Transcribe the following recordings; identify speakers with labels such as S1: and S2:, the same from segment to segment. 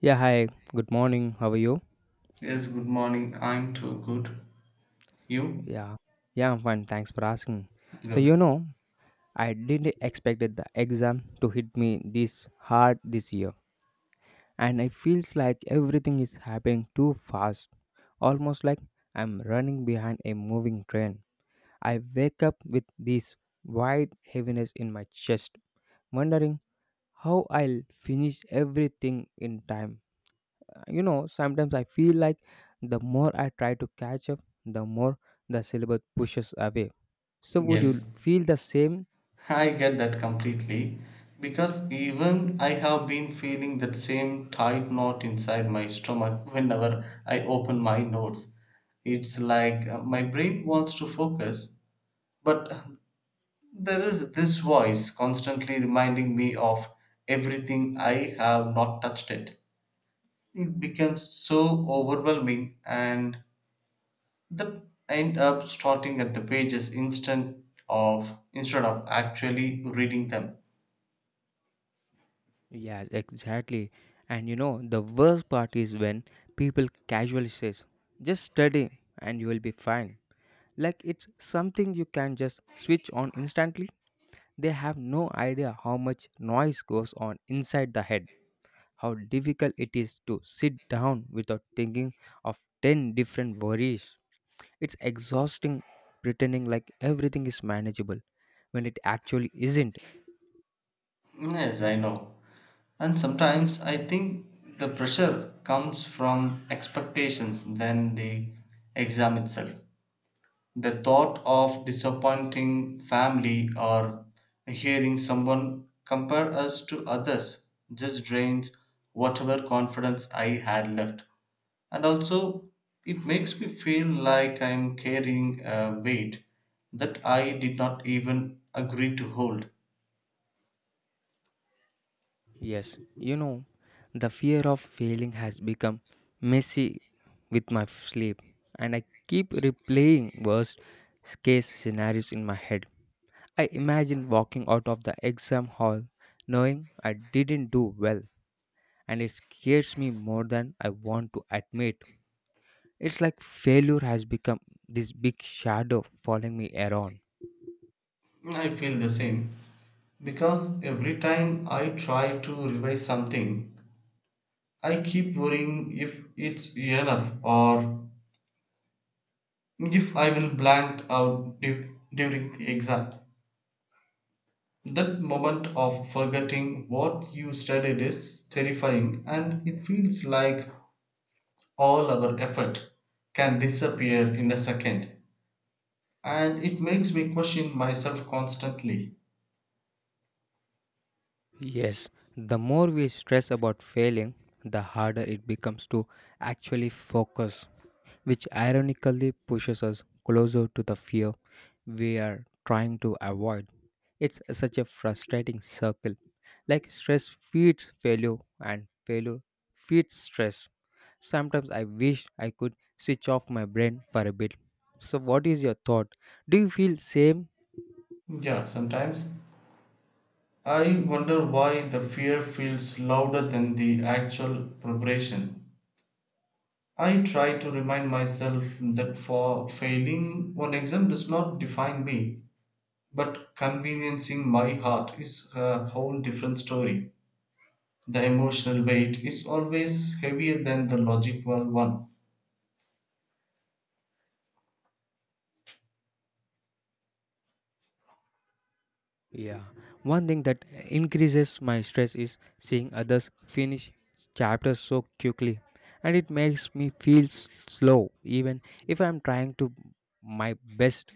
S1: Yeah, hi. Good morning. How are you?
S2: Yes, good morning. I'm too good. You?
S1: Yeah. Yeah, I'm fine. Thanks for asking. So,
S2: Good.
S1: you know, I didn't expect the exam to hit me this hard this year. And it feels like everything is happening too fast. Almost like I'm running behind a moving train. I wake up with this wide heaviness in my chest, wondering how I'll finish everything in time. You know, sometimes I feel like the more I try to catch up, the more the syllabus pushes away. So would you
S2: Yes.
S1: feel the same?
S2: I get that completely because even I have been feeling that same tight knot inside my stomach whenever I open my notes. It's like my brain wants to focus, but there is this voice constantly reminding me of everything I have not touched it. It becomes so overwhelming and they end up starting at the pages instead of actually reading them.
S1: Yeah, exactly. And you know the worst part is when people casually says, just study and you will be fine, like it's something you can just switch on instantly. They have no idea how much noise goes on inside the head, how difficult it is to sit down without thinking of 10 different worries. It's exhausting pretending like everything is manageable when it actually isn't.
S2: Yes, I know. And sometimes I think the pressure comes from expectations than the exam itself. The thought of disappointing family or hearing someone compare us to others just drains whatever confidence I had left. And also, it makes me feel like I'm carrying a weight that I did not even agree to hold.
S1: Yes, you know, the fear of failing has become messy with my sleep, and I keep replaying worst case scenarios in my head. I imagine walking out of the exam hall knowing I didn't do well, and it scares me more than I want to admit. It's like failure has become this big shadow following me around.
S2: I feel the same because every time I try to revise something, I keep worrying if it's enough or if I will blank out during the exam. That moment of forgetting what you studied is terrifying and it feels like all our effort can disappear in a second, and it makes me question myself constantly.
S1: Yes, the more we stress about failing, the harder it becomes to actually focus, which ironically pushes us closer to the fear we are trying to avoid. It's such a frustrating circle. Like stress feeds failure, and failure feeds stress. Sometimes I wish I could switch off my brain for a bit. So, what is your thought? Do you feel same?
S2: Yeah, sometimes I wonder why the fear feels louder than the actual preparation. I try to remind myself that for failing one exam does not define me, but conveniencing my heart is a whole different story. The emotional weight is always heavier than the logical one.
S1: Yeah, one thing that increases my stress is seeing others finish chapters so quickly, and it makes me feel slow even if I'm trying to my best.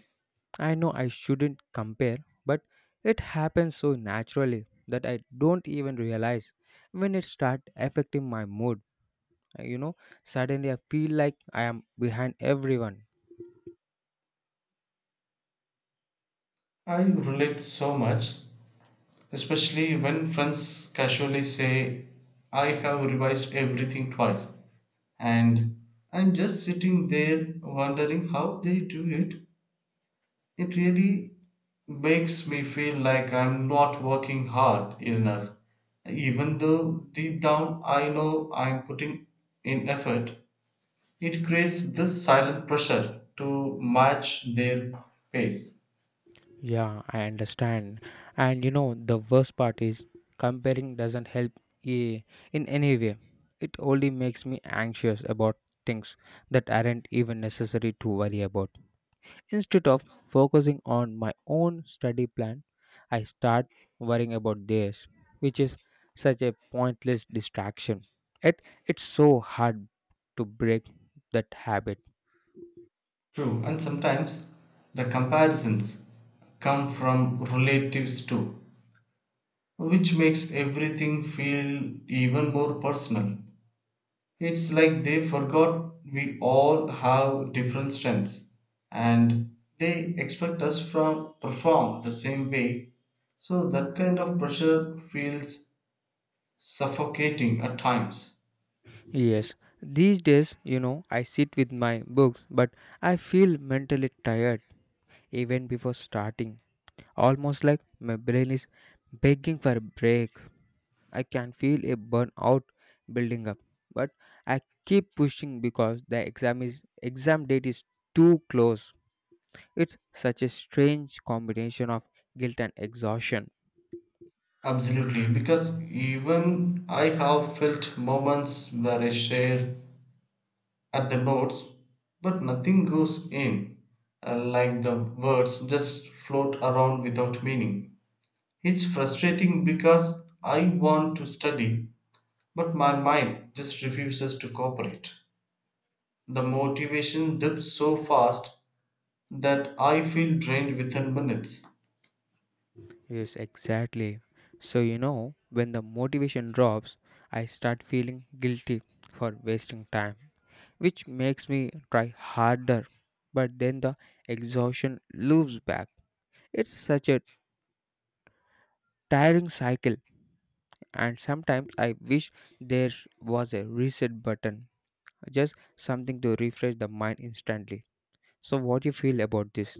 S1: I know I shouldn't compare, but it happens so naturally that I don't even realize when it starts affecting my mood. You know, suddenly I feel like I am behind everyone.
S2: I relate so much, especially when friends casually say, I have revised everything twice, and I'm just sitting there wondering how they do it. It really makes me feel like I'm not working hard enough, even though deep down I know I'm putting in effort. It creates this silent pressure to match their pace.
S1: Yeah, I understand. And you know, the worst part is comparing doesn't help eh, in any way. It only makes me anxious about things that aren't even necessary to worry about. Instead of focusing on my own study plan, I start worrying about theirs, which is such a pointless distraction. It's so hard to break that habit.
S2: True, and sometimes the comparisons come from relatives too, which makes everything feel even more personal. It's like they forgot we all have different strengths and they expect us from perform the same way. So that kind of pressure feels suffocating at times.
S1: Yes, these days, you know, I sit with my books, but I feel mentally tired even before starting. Almost like my brain is begging for a break. I can feel a burnout building up, but I keep pushing because the exam date is too close. It's such a strange combination of guilt and exhaustion.
S2: Absolutely, because even I have felt moments where I share at the notes, but nothing goes in, like the words just float around without meaning. It's frustrating because I want to study, but my mind just refuses to cooperate. The motivation dips so fast that I feel drained within minutes.
S1: Yes, exactly. So, you know, when the motivation drops, I start feeling guilty for wasting time, which makes me try harder, but then the exhaustion loops back. It's such a tiring cycle, and sometimes I wish there was a reset button, just something to refresh the mind instantly. So, what do you feel about this?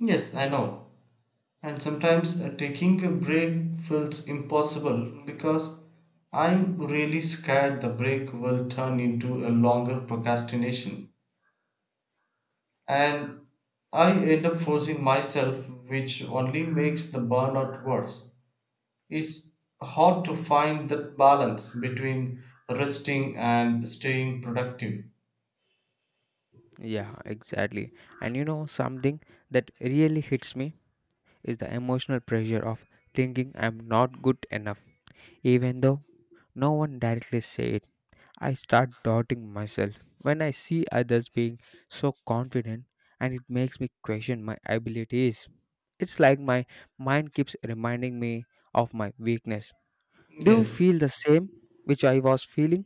S2: Yes, I know. And sometimes taking a break feels impossible because I'm really scared the break will turn into a longer procrastination. And I end up forcing myself, which only makes the burnout worse. It's hard to find that balance between resting and staying productive.
S1: Yeah, exactly. And you know, something that really hits me is the emotional pressure of thinking I'm not good enough, even though no one directly says it. I start doubting myself when I see others being so confident, and it makes me question my abilities. It's like my mind keeps reminding me of my weakness. Do you
S2: Yes,
S1: feel the same which I was feeling?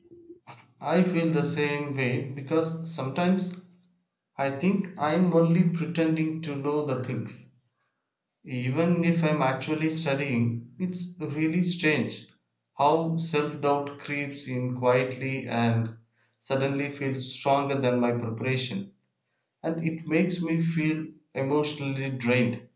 S2: I feel the same way because sometimes I think I'm only pretending to know the things. Even if I'm actually studying, it's really strange how self doubt creeps in quietly and suddenly feels stronger than my preparation. And it makes me feel emotionally drained.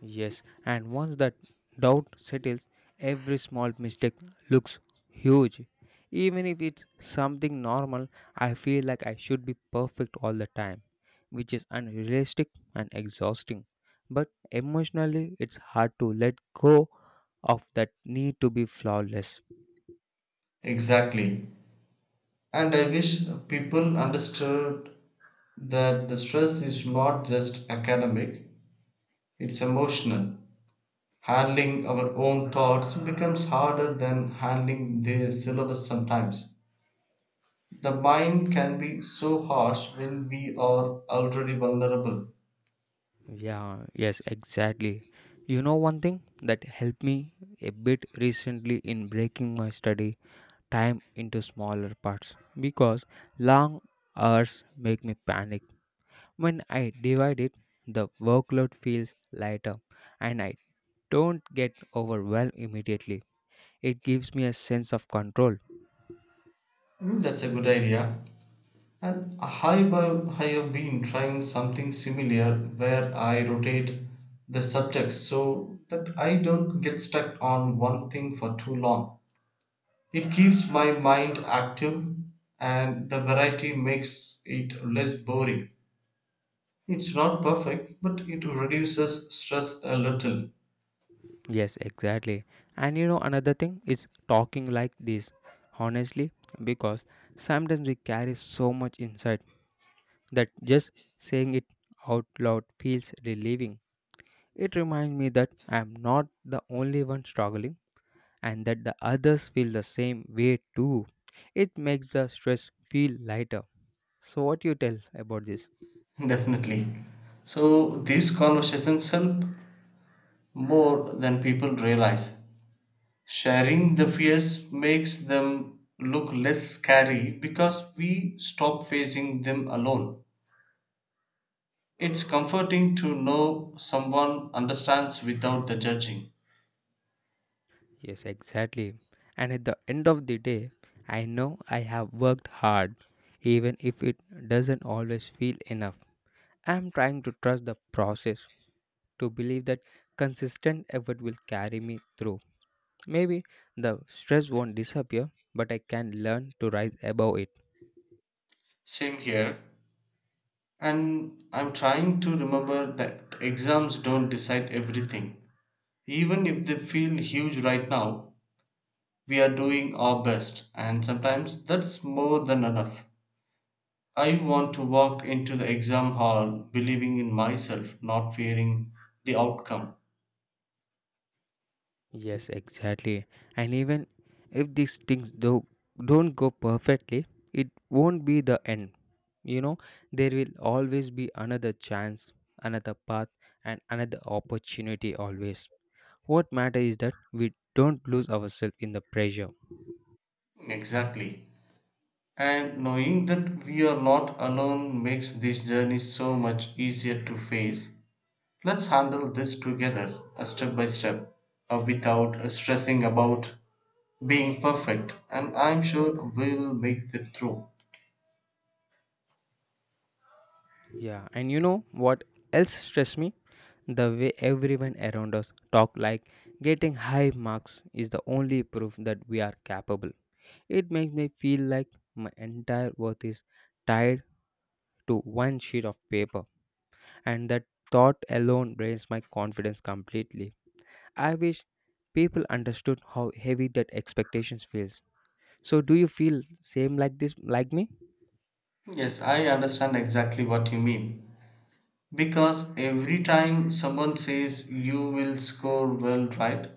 S1: Yes, and once that doubt settles, every small mistake looks huge. Even if it's something normal, I feel like I should be perfect all the time, which is unrealistic and exhausting. But emotionally, it's hard to let go of that need to be flawless.
S2: Exactly. And I wish people understood that the stress is not just academic, it's emotional. Handling our own thoughts becomes harder than handling their syllabus sometimes. The mind can be so harsh when we are already vulnerable.
S1: Yeah, yes, exactly. You know, one thing that helped me a bit recently in breaking my study time into smaller parts because long hours make me panic. When I divide it, the workload feels lighter and I don't get overwhelmed immediately. It gives me a sense of control.
S2: Hmm. That's a good idea. And I have been trying something similar where I rotate the subjects so that I don't get stuck on one thing for too long. It keeps my mind active and the variety makes it less boring. It's not perfect, but it reduces stress a little.
S1: Yes, exactly. And you know, another thing is talking like this, honestly, because sometimes we carry so much inside that just saying it out loud feels relieving. It reminds me that I am not the only one struggling and that the others feel the same way too. It makes the stress feel lighter. So, what you tell about this?
S2: Definitely. So these conversations help more than people realize. Sharing the fears makes them look less scary because we stop facing them alone. It's comforting to know someone understands without the judging.
S1: Yes, exactly. And at the end of the day, I know I have worked hard, even if it doesn't always feel enough. I am trying to trust the process, to believe that consistent effort will carry me through. Maybe the stress won't disappear, but I can learn to rise above it.
S2: Same here. And I'm trying to remember that exams don't decide everything. Even if they feel huge right now, we are doing our best, and sometimes that's more than enough. I want to walk into the exam hall believing in myself, not fearing the outcome.
S1: Yes, exactly. And even if these things do don't go perfectly, it won't be the end. You know, there will always be another chance, another path, and another opportunity always. What matters is that we don't lose ourselves in the pressure.
S2: Exactly. And knowing that we are not alone makes this journey so much easier to face. Let's handle this together, a step by step, without stressing about being perfect. And I'm sure we will make it through.
S1: Yeah, and you know what else stressed me? The way everyone around us talk like getting high marks is the only proof that we are capable. It makes me feel like my entire worth is tied to one sheet of paper, and that thought alone drains my confidence completely. I wish people understood how heavy that expectations feels. So do you feel same like this like me?
S2: Yes, I understand exactly what you mean. Because every time someone says you will score well, right?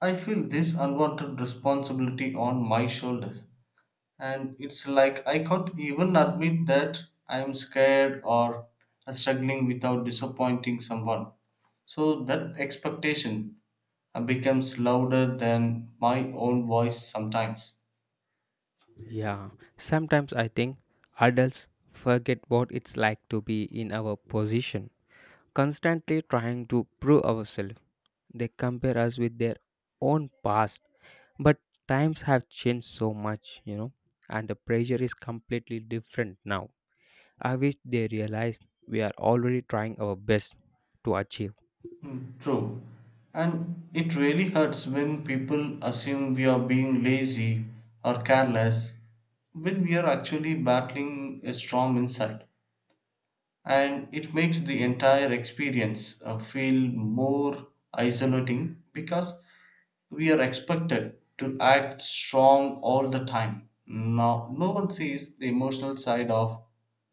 S2: I feel this unwanted responsibility on my shoulders, and it's like I can't even admit that I'm scared or struggling without disappointing someone. So that expectation becomes louder than my own voice sometimes.
S1: Yeah, sometimes I think adults forget what it's like to be in our position, constantly trying to prove ourselves. They compare us with their own past. But times have changed so much, you know, and the pressure is completely different now. I wish they realized we are already trying our best to achieve.
S2: Mm, true. And it really hurts when people assume we are being lazy or careless when we are actually battling a storm inside. And it makes the entire experience feel more isolating because we are expected to act strong all the time. Now, no one sees the emotional side of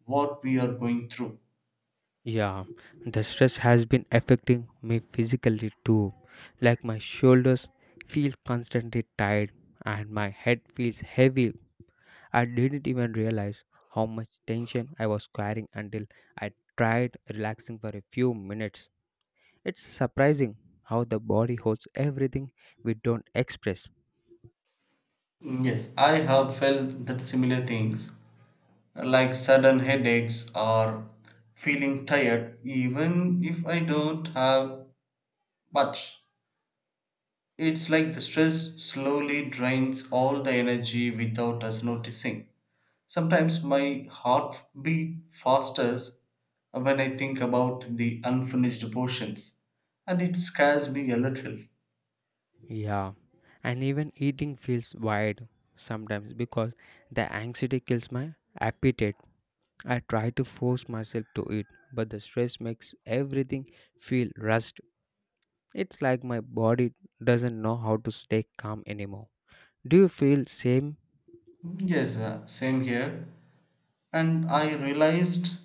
S2: what we are going through.
S1: Yeah, the stress has been affecting me physically too. Like my shoulders feel constantly tired and my head feels heavy. I didn't even realize how much tension I was carrying until I tried relaxing for a few minutes. It's surprising how the body holds everything we don't express.
S2: Yes, I have felt that similar things like sudden headaches or feeling tired, even if I don't have much. It's like the stress slowly drains all the energy without us noticing. Sometimes my heart beat fasters when I think about the unfinished portions, and it scares me a little.
S1: Yeah, and even eating feels weird sometimes because the anxiety kills my appetite. I try to force myself to eat, but the stress makes everything feel rushed. It's like my body doesn't know how to stay calm anymore. Do you feel same?
S2: Yes, same here. And I realized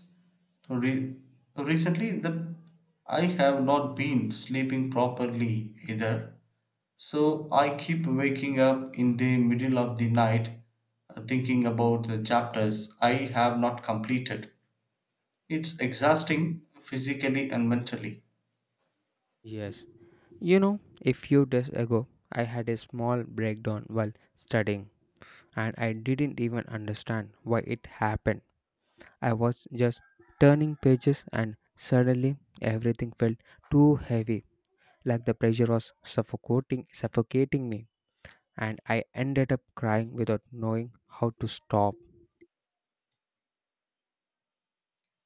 S2: re- recently that I have not been sleeping properly either. So I keep waking up in the middle of the night thinking about the chapters I have not completed. It's exhausting physically and mentally.
S1: Yes. You know, a few days ago, I had a small breakdown while studying, and I didn't even understand why it happened. I was just turning pages, and suddenly everything felt too heavy, like the pressure was suffocating, suffocating me, and I ended up crying without knowing how to stop.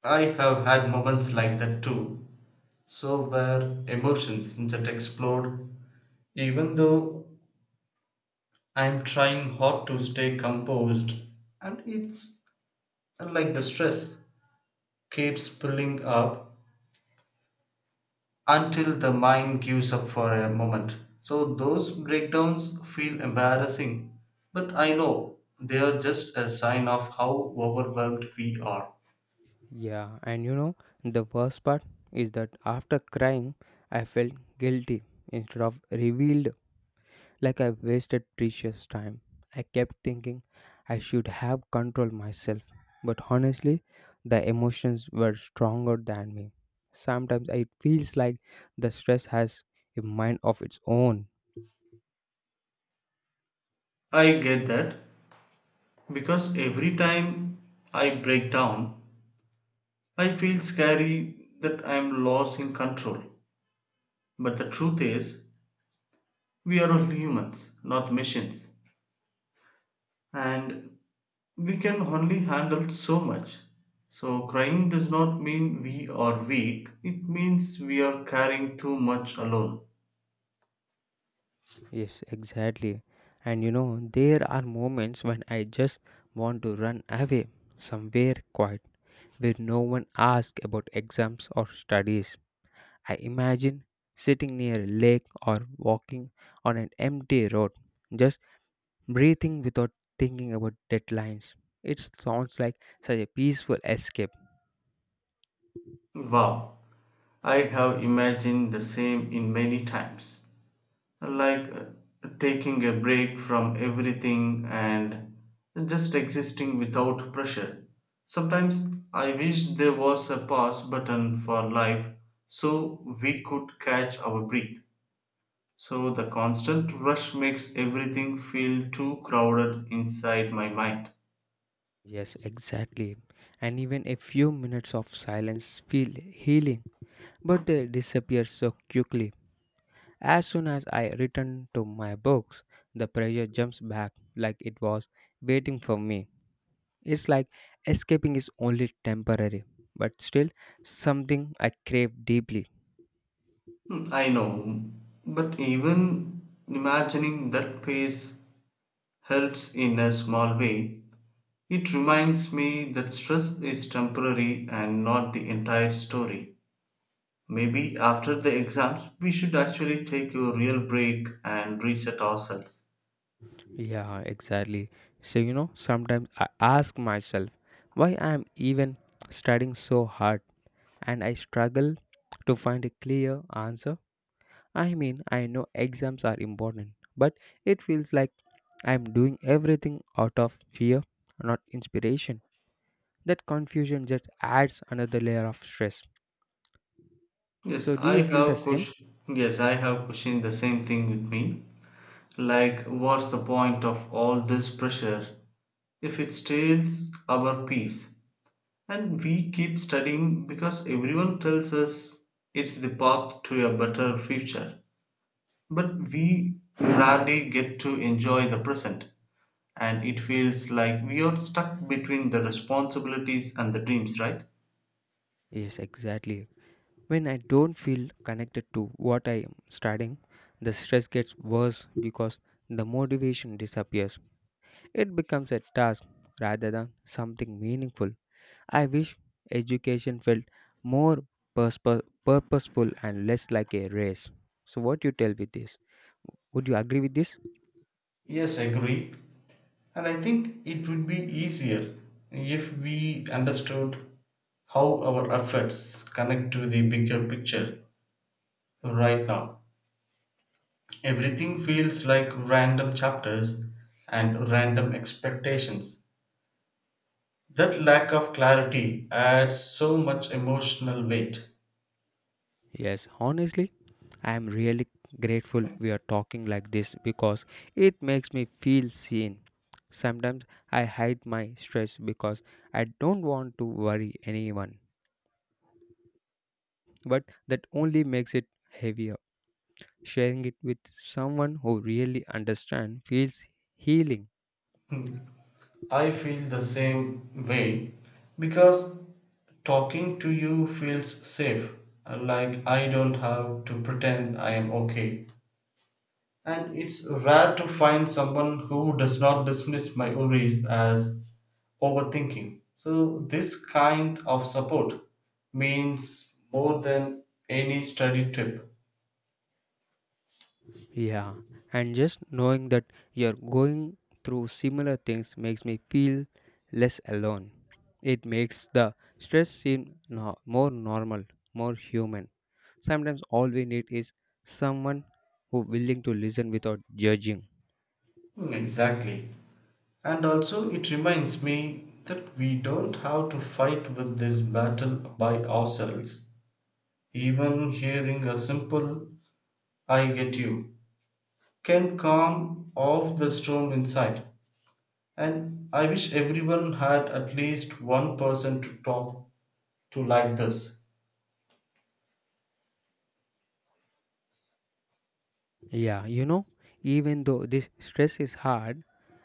S2: I have had moments like that too. So where emotions just explode, even though I'm trying hard to stay composed, and it's like the stress keeps pulling up until the mind gives up for a moment. So those breakdowns feel embarrassing, but I know they are just a sign of how overwhelmed we are.
S1: Yeah, and you know, the worst part is that after crying, I felt guilty instead of revealed, like I wasted precious time. I kept thinking I should have controlled myself, but honestly, the emotions were stronger than me. Sometimes it feels like the stress has a mind of its own.
S2: I get that because every time I break down, I feel scary that I'm lost in control. But the truth is, we are all humans, not machines. And we can only handle so much. So, crying does not mean we are weak, it means we are carrying too much alone.
S1: Yes, exactly. And you know, there are moments when I just want to run away somewhere quiet where no one asks about exams or studies. I imagine sitting near a lake or walking on an empty road, just breathing without thinking about deadlines. It sounds like such a peaceful escape.
S2: Wow, I have imagined the same in many times. Like taking a break from everything and just existing without pressure. Sometimes I wish there was a pause button for life so we could catch our breath. So the constant rush makes everything feel too crowded inside my mind.
S1: Yes, exactly. And even a few minutes of silence feel healing, but they disappear so quickly. As soon as I return to my books, the pressure jumps back like it was waiting for me. It's like escaping is only temporary, but still something I crave deeply.
S2: Hmm, I know, but even imagining that pace helps in a small way. It reminds me that stress is temporary and not the entire story. Maybe after the exams, we should actually take a real break and reset ourselves.
S1: Yeah, exactly. So, you know, sometimes I ask myself why I am even studying so hard, and I struggle to find a clear answer. I mean, I know exams are important, but it feels like I'm doing everything out of fear, not inspiration. That confusion just adds another layer of stress. So, do you feel the same?
S2: Yes, I have questioned the same thing with me. Like, what's the point of all this pressure if it steals our peace? And we keep studying because everyone tells us it's the path to a better future. But we rarely get to enjoy the present, and it feels like we are stuck between the responsibilities and the dreams, right?
S1: Yes, exactly. When I don't feel connected to what I am studying, the stress gets worse because the motivation disappears. It becomes a task rather than something meaningful. I wish education felt more purposeful and less like a race. So, what do you tell with this? Would you agree with this?
S2: Yes, agree. And I think it would be easier if we understood how our efforts connect to the bigger picture right now. Everything feels like random chapters and random expectations. That lack of clarity adds so much emotional weight.
S1: Yes, honestly, I am really grateful we are talking like this because it makes me feel seen. Sometimes I hide my stress because I don't want to worry anyone, but that only makes it heavier. Sharing it with someone who really understands feels healing.
S2: I feel the same way because talking to you feels safe, like I don't have to pretend I am okay. And it's rare to find someone who does not dismiss my worries as overthinking. So, this kind of support means more than any study trip.
S1: Yeah, and just knowing that you're going through similar things makes me feel less alone. It makes the stress seem more normal, more human. Sometimes all we need is someone who willing to listen without judging.
S2: Mm, exactly. And also, it reminds me that we don't have to fight with this battle by ourselves. Even hearing a simple, I get you, can calm off the storm inside. And I wish everyone had at least one person to talk to like this.
S1: Yeah, you know, even though this stress is hard,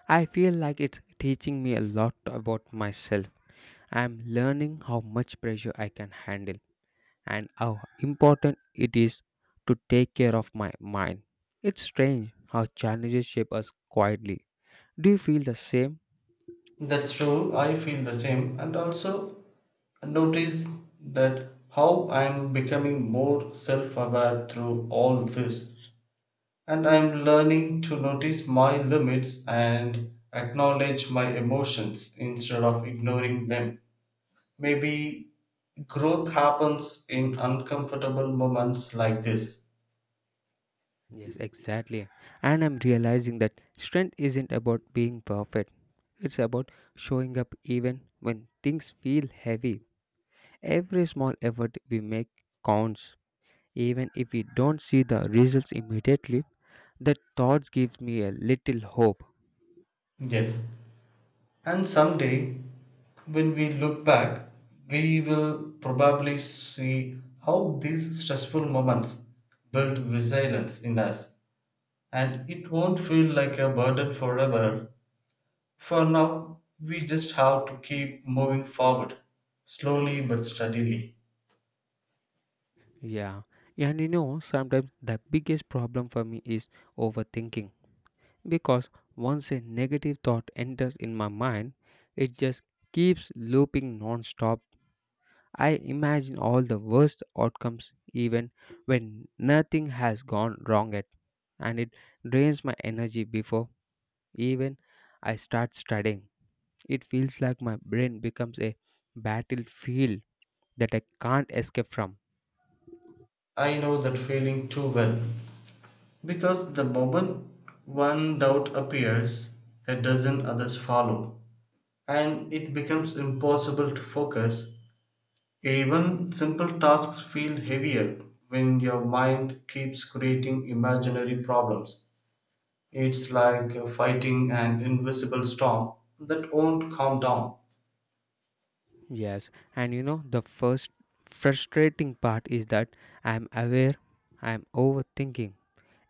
S1: I feel like it's teaching me a lot about myself. I'm learning how much pressure I can handle and how important it is to take care of my mind. It's strange how challenges shape us quietly. Do you feel the same?
S2: That's true, I feel the same. And also, notice that how I'm becoming more self aware through all this. And I'm learning to notice my limits and acknowledge my emotions instead of ignoring them. Maybe growth happens in uncomfortable moments like this.
S1: Yes, exactly. And I'm realizing that strength isn't about being perfect, it's about showing up even when things feel heavy. Every small effort we make counts. Even if we don't see the results immediately, the thoughts give me a little hope.
S2: Yes, and someday, when we look back, we will probably see how these stressful moments built resilience in us, and it won't feel like a burden forever. For now, we just have to keep moving forward, slowly but steadily.
S1: Yeah, and you know, sometimes the biggest problem for me is overthinking because once a negative thought enters in my mind, it just keeps looping non-stop. I imagine all the worst outcomes even when nothing has gone wrong yet, and it drains my energy before even I start studying. It feels like my brain becomes a battlefield that I can't escape from.
S2: I know that feeling too well because the moment one doubt appears, a dozen others follow, and it becomes impossible to focus. Even simple tasks feel heavier when your mind keeps creating imaginary problems. It's like fighting an invisible storm that won't calm down.
S1: Yes, and you know, the first frustrating part is that I'm aware I'm overthinking,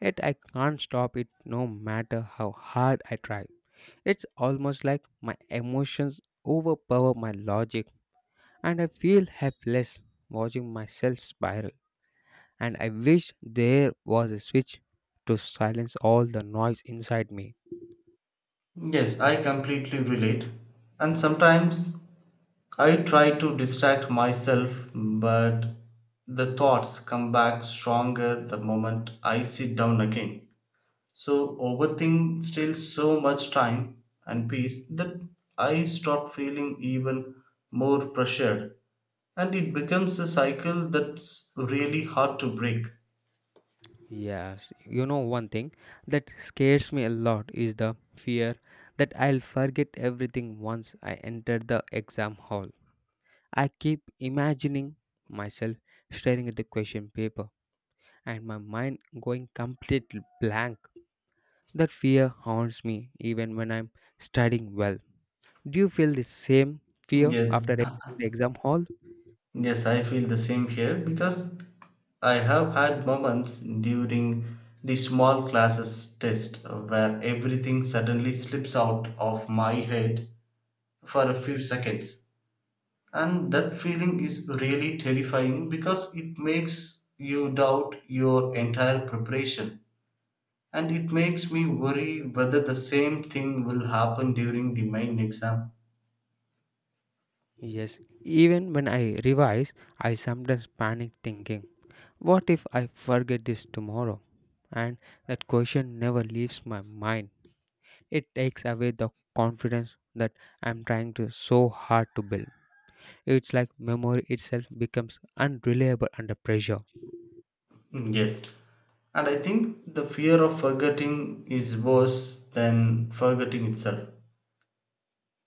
S1: yet I can't stop it no matter how hard I try. It's almost like my emotions overpower my logic, and I feel helpless watching myself spiral. And I wish there was a switch to silence all the noise inside me.
S2: Yes, I completely relate. And sometimes I try to distract myself, but the thoughts come back stronger the moment I sit down again. So overthink steals so much time and peace that I start feeling even more pressured. And it becomes a cycle that's really hard to break.
S1: Yes, you know one thing that scares me a lot is the fear that I'll forget everything once I enter the exam hall. I keep imagining myself staring at the question paper and my mind going completely blank. That fear haunts me even when I'm studying well. Do you feel the same fear
S2: Yes,
S1: after entering the exam hall?
S2: yes, I feel the same here because I have had moments during the small classes test where everything suddenly slips out of my head for a few seconds. And that feeling is really terrifying because it makes you doubt your entire preparation. And it makes me worry whether the same thing will happen during the main exam.
S1: Yes, even when I revise, I sometimes panic thinking, what if I forget this tomorrow? And that question never leaves my mind. It takes away the confidence that I'm trying to so hard to build. It's like memory itself becomes unreliable under pressure.
S2: Mm, yes. And I think the fear of forgetting is worse than forgetting itself.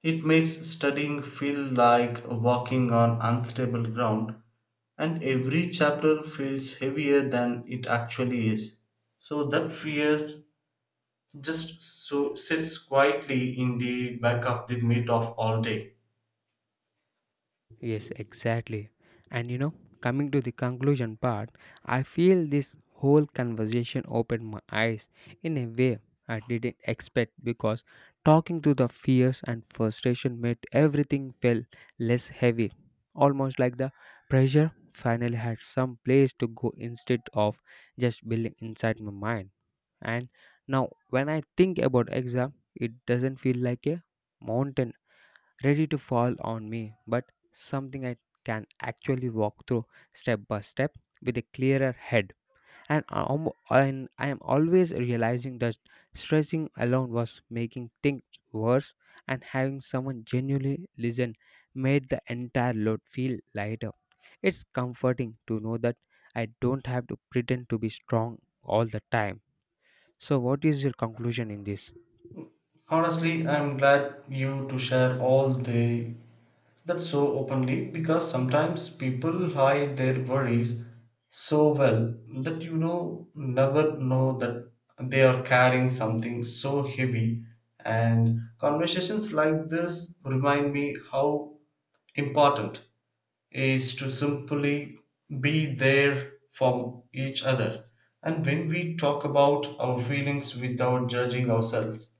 S2: It makes studying feel like walking on unstable ground, and every chapter feels heavier than it actually is. So that fear just so sits quietly in the back of the meat of all day.
S1: Yes, exactly. And you know, coming to the conclusion part, I feel this whole conversation opened my eyes in a way I didn't expect because talking to the fears and frustration made everything felt less heavy, almost like the pressure finally had some place to go instead of just building inside my mind. And now, when I think about exam, it doesn't feel like a mountain ready to fall on me, but something I can actually walk through step by step with a clearer head. And I am always realizing that stressing alone was making things worse, and having someone genuinely listen made the entire load feel lighter. It's comforting to know that I don't have to pretend to be strong all the time. So, what is your conclusion in this?
S2: Honestly, I'm glad you to share all the that so openly because sometimes people hide their worries so well that you know never know that they are carrying something so heavy, and conversations like this remind me how important is to simply be there for each other. And when we talk about our feelings without judging ourselves,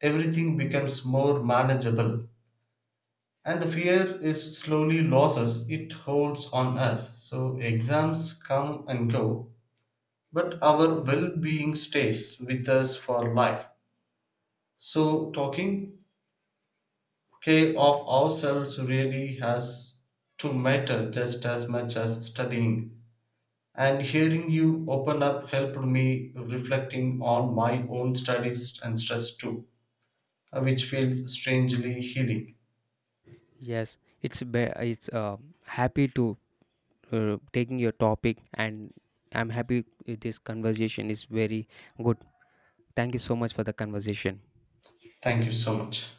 S2: everything becomes more manageable. And the fear is slowly loses it holds on us. So exams come and go, but our well being stays with us for life. So talking care of ourselves really has to matter just as much as studying. And hearing you open up helped me reflecting on my own studies and stress too, which feels strangely healing.
S1: Yes, it's be- it's happy to taking your topic, and I'm happy with this conversation is very good. Thank you so much for the conversation.
S2: Thank you so much.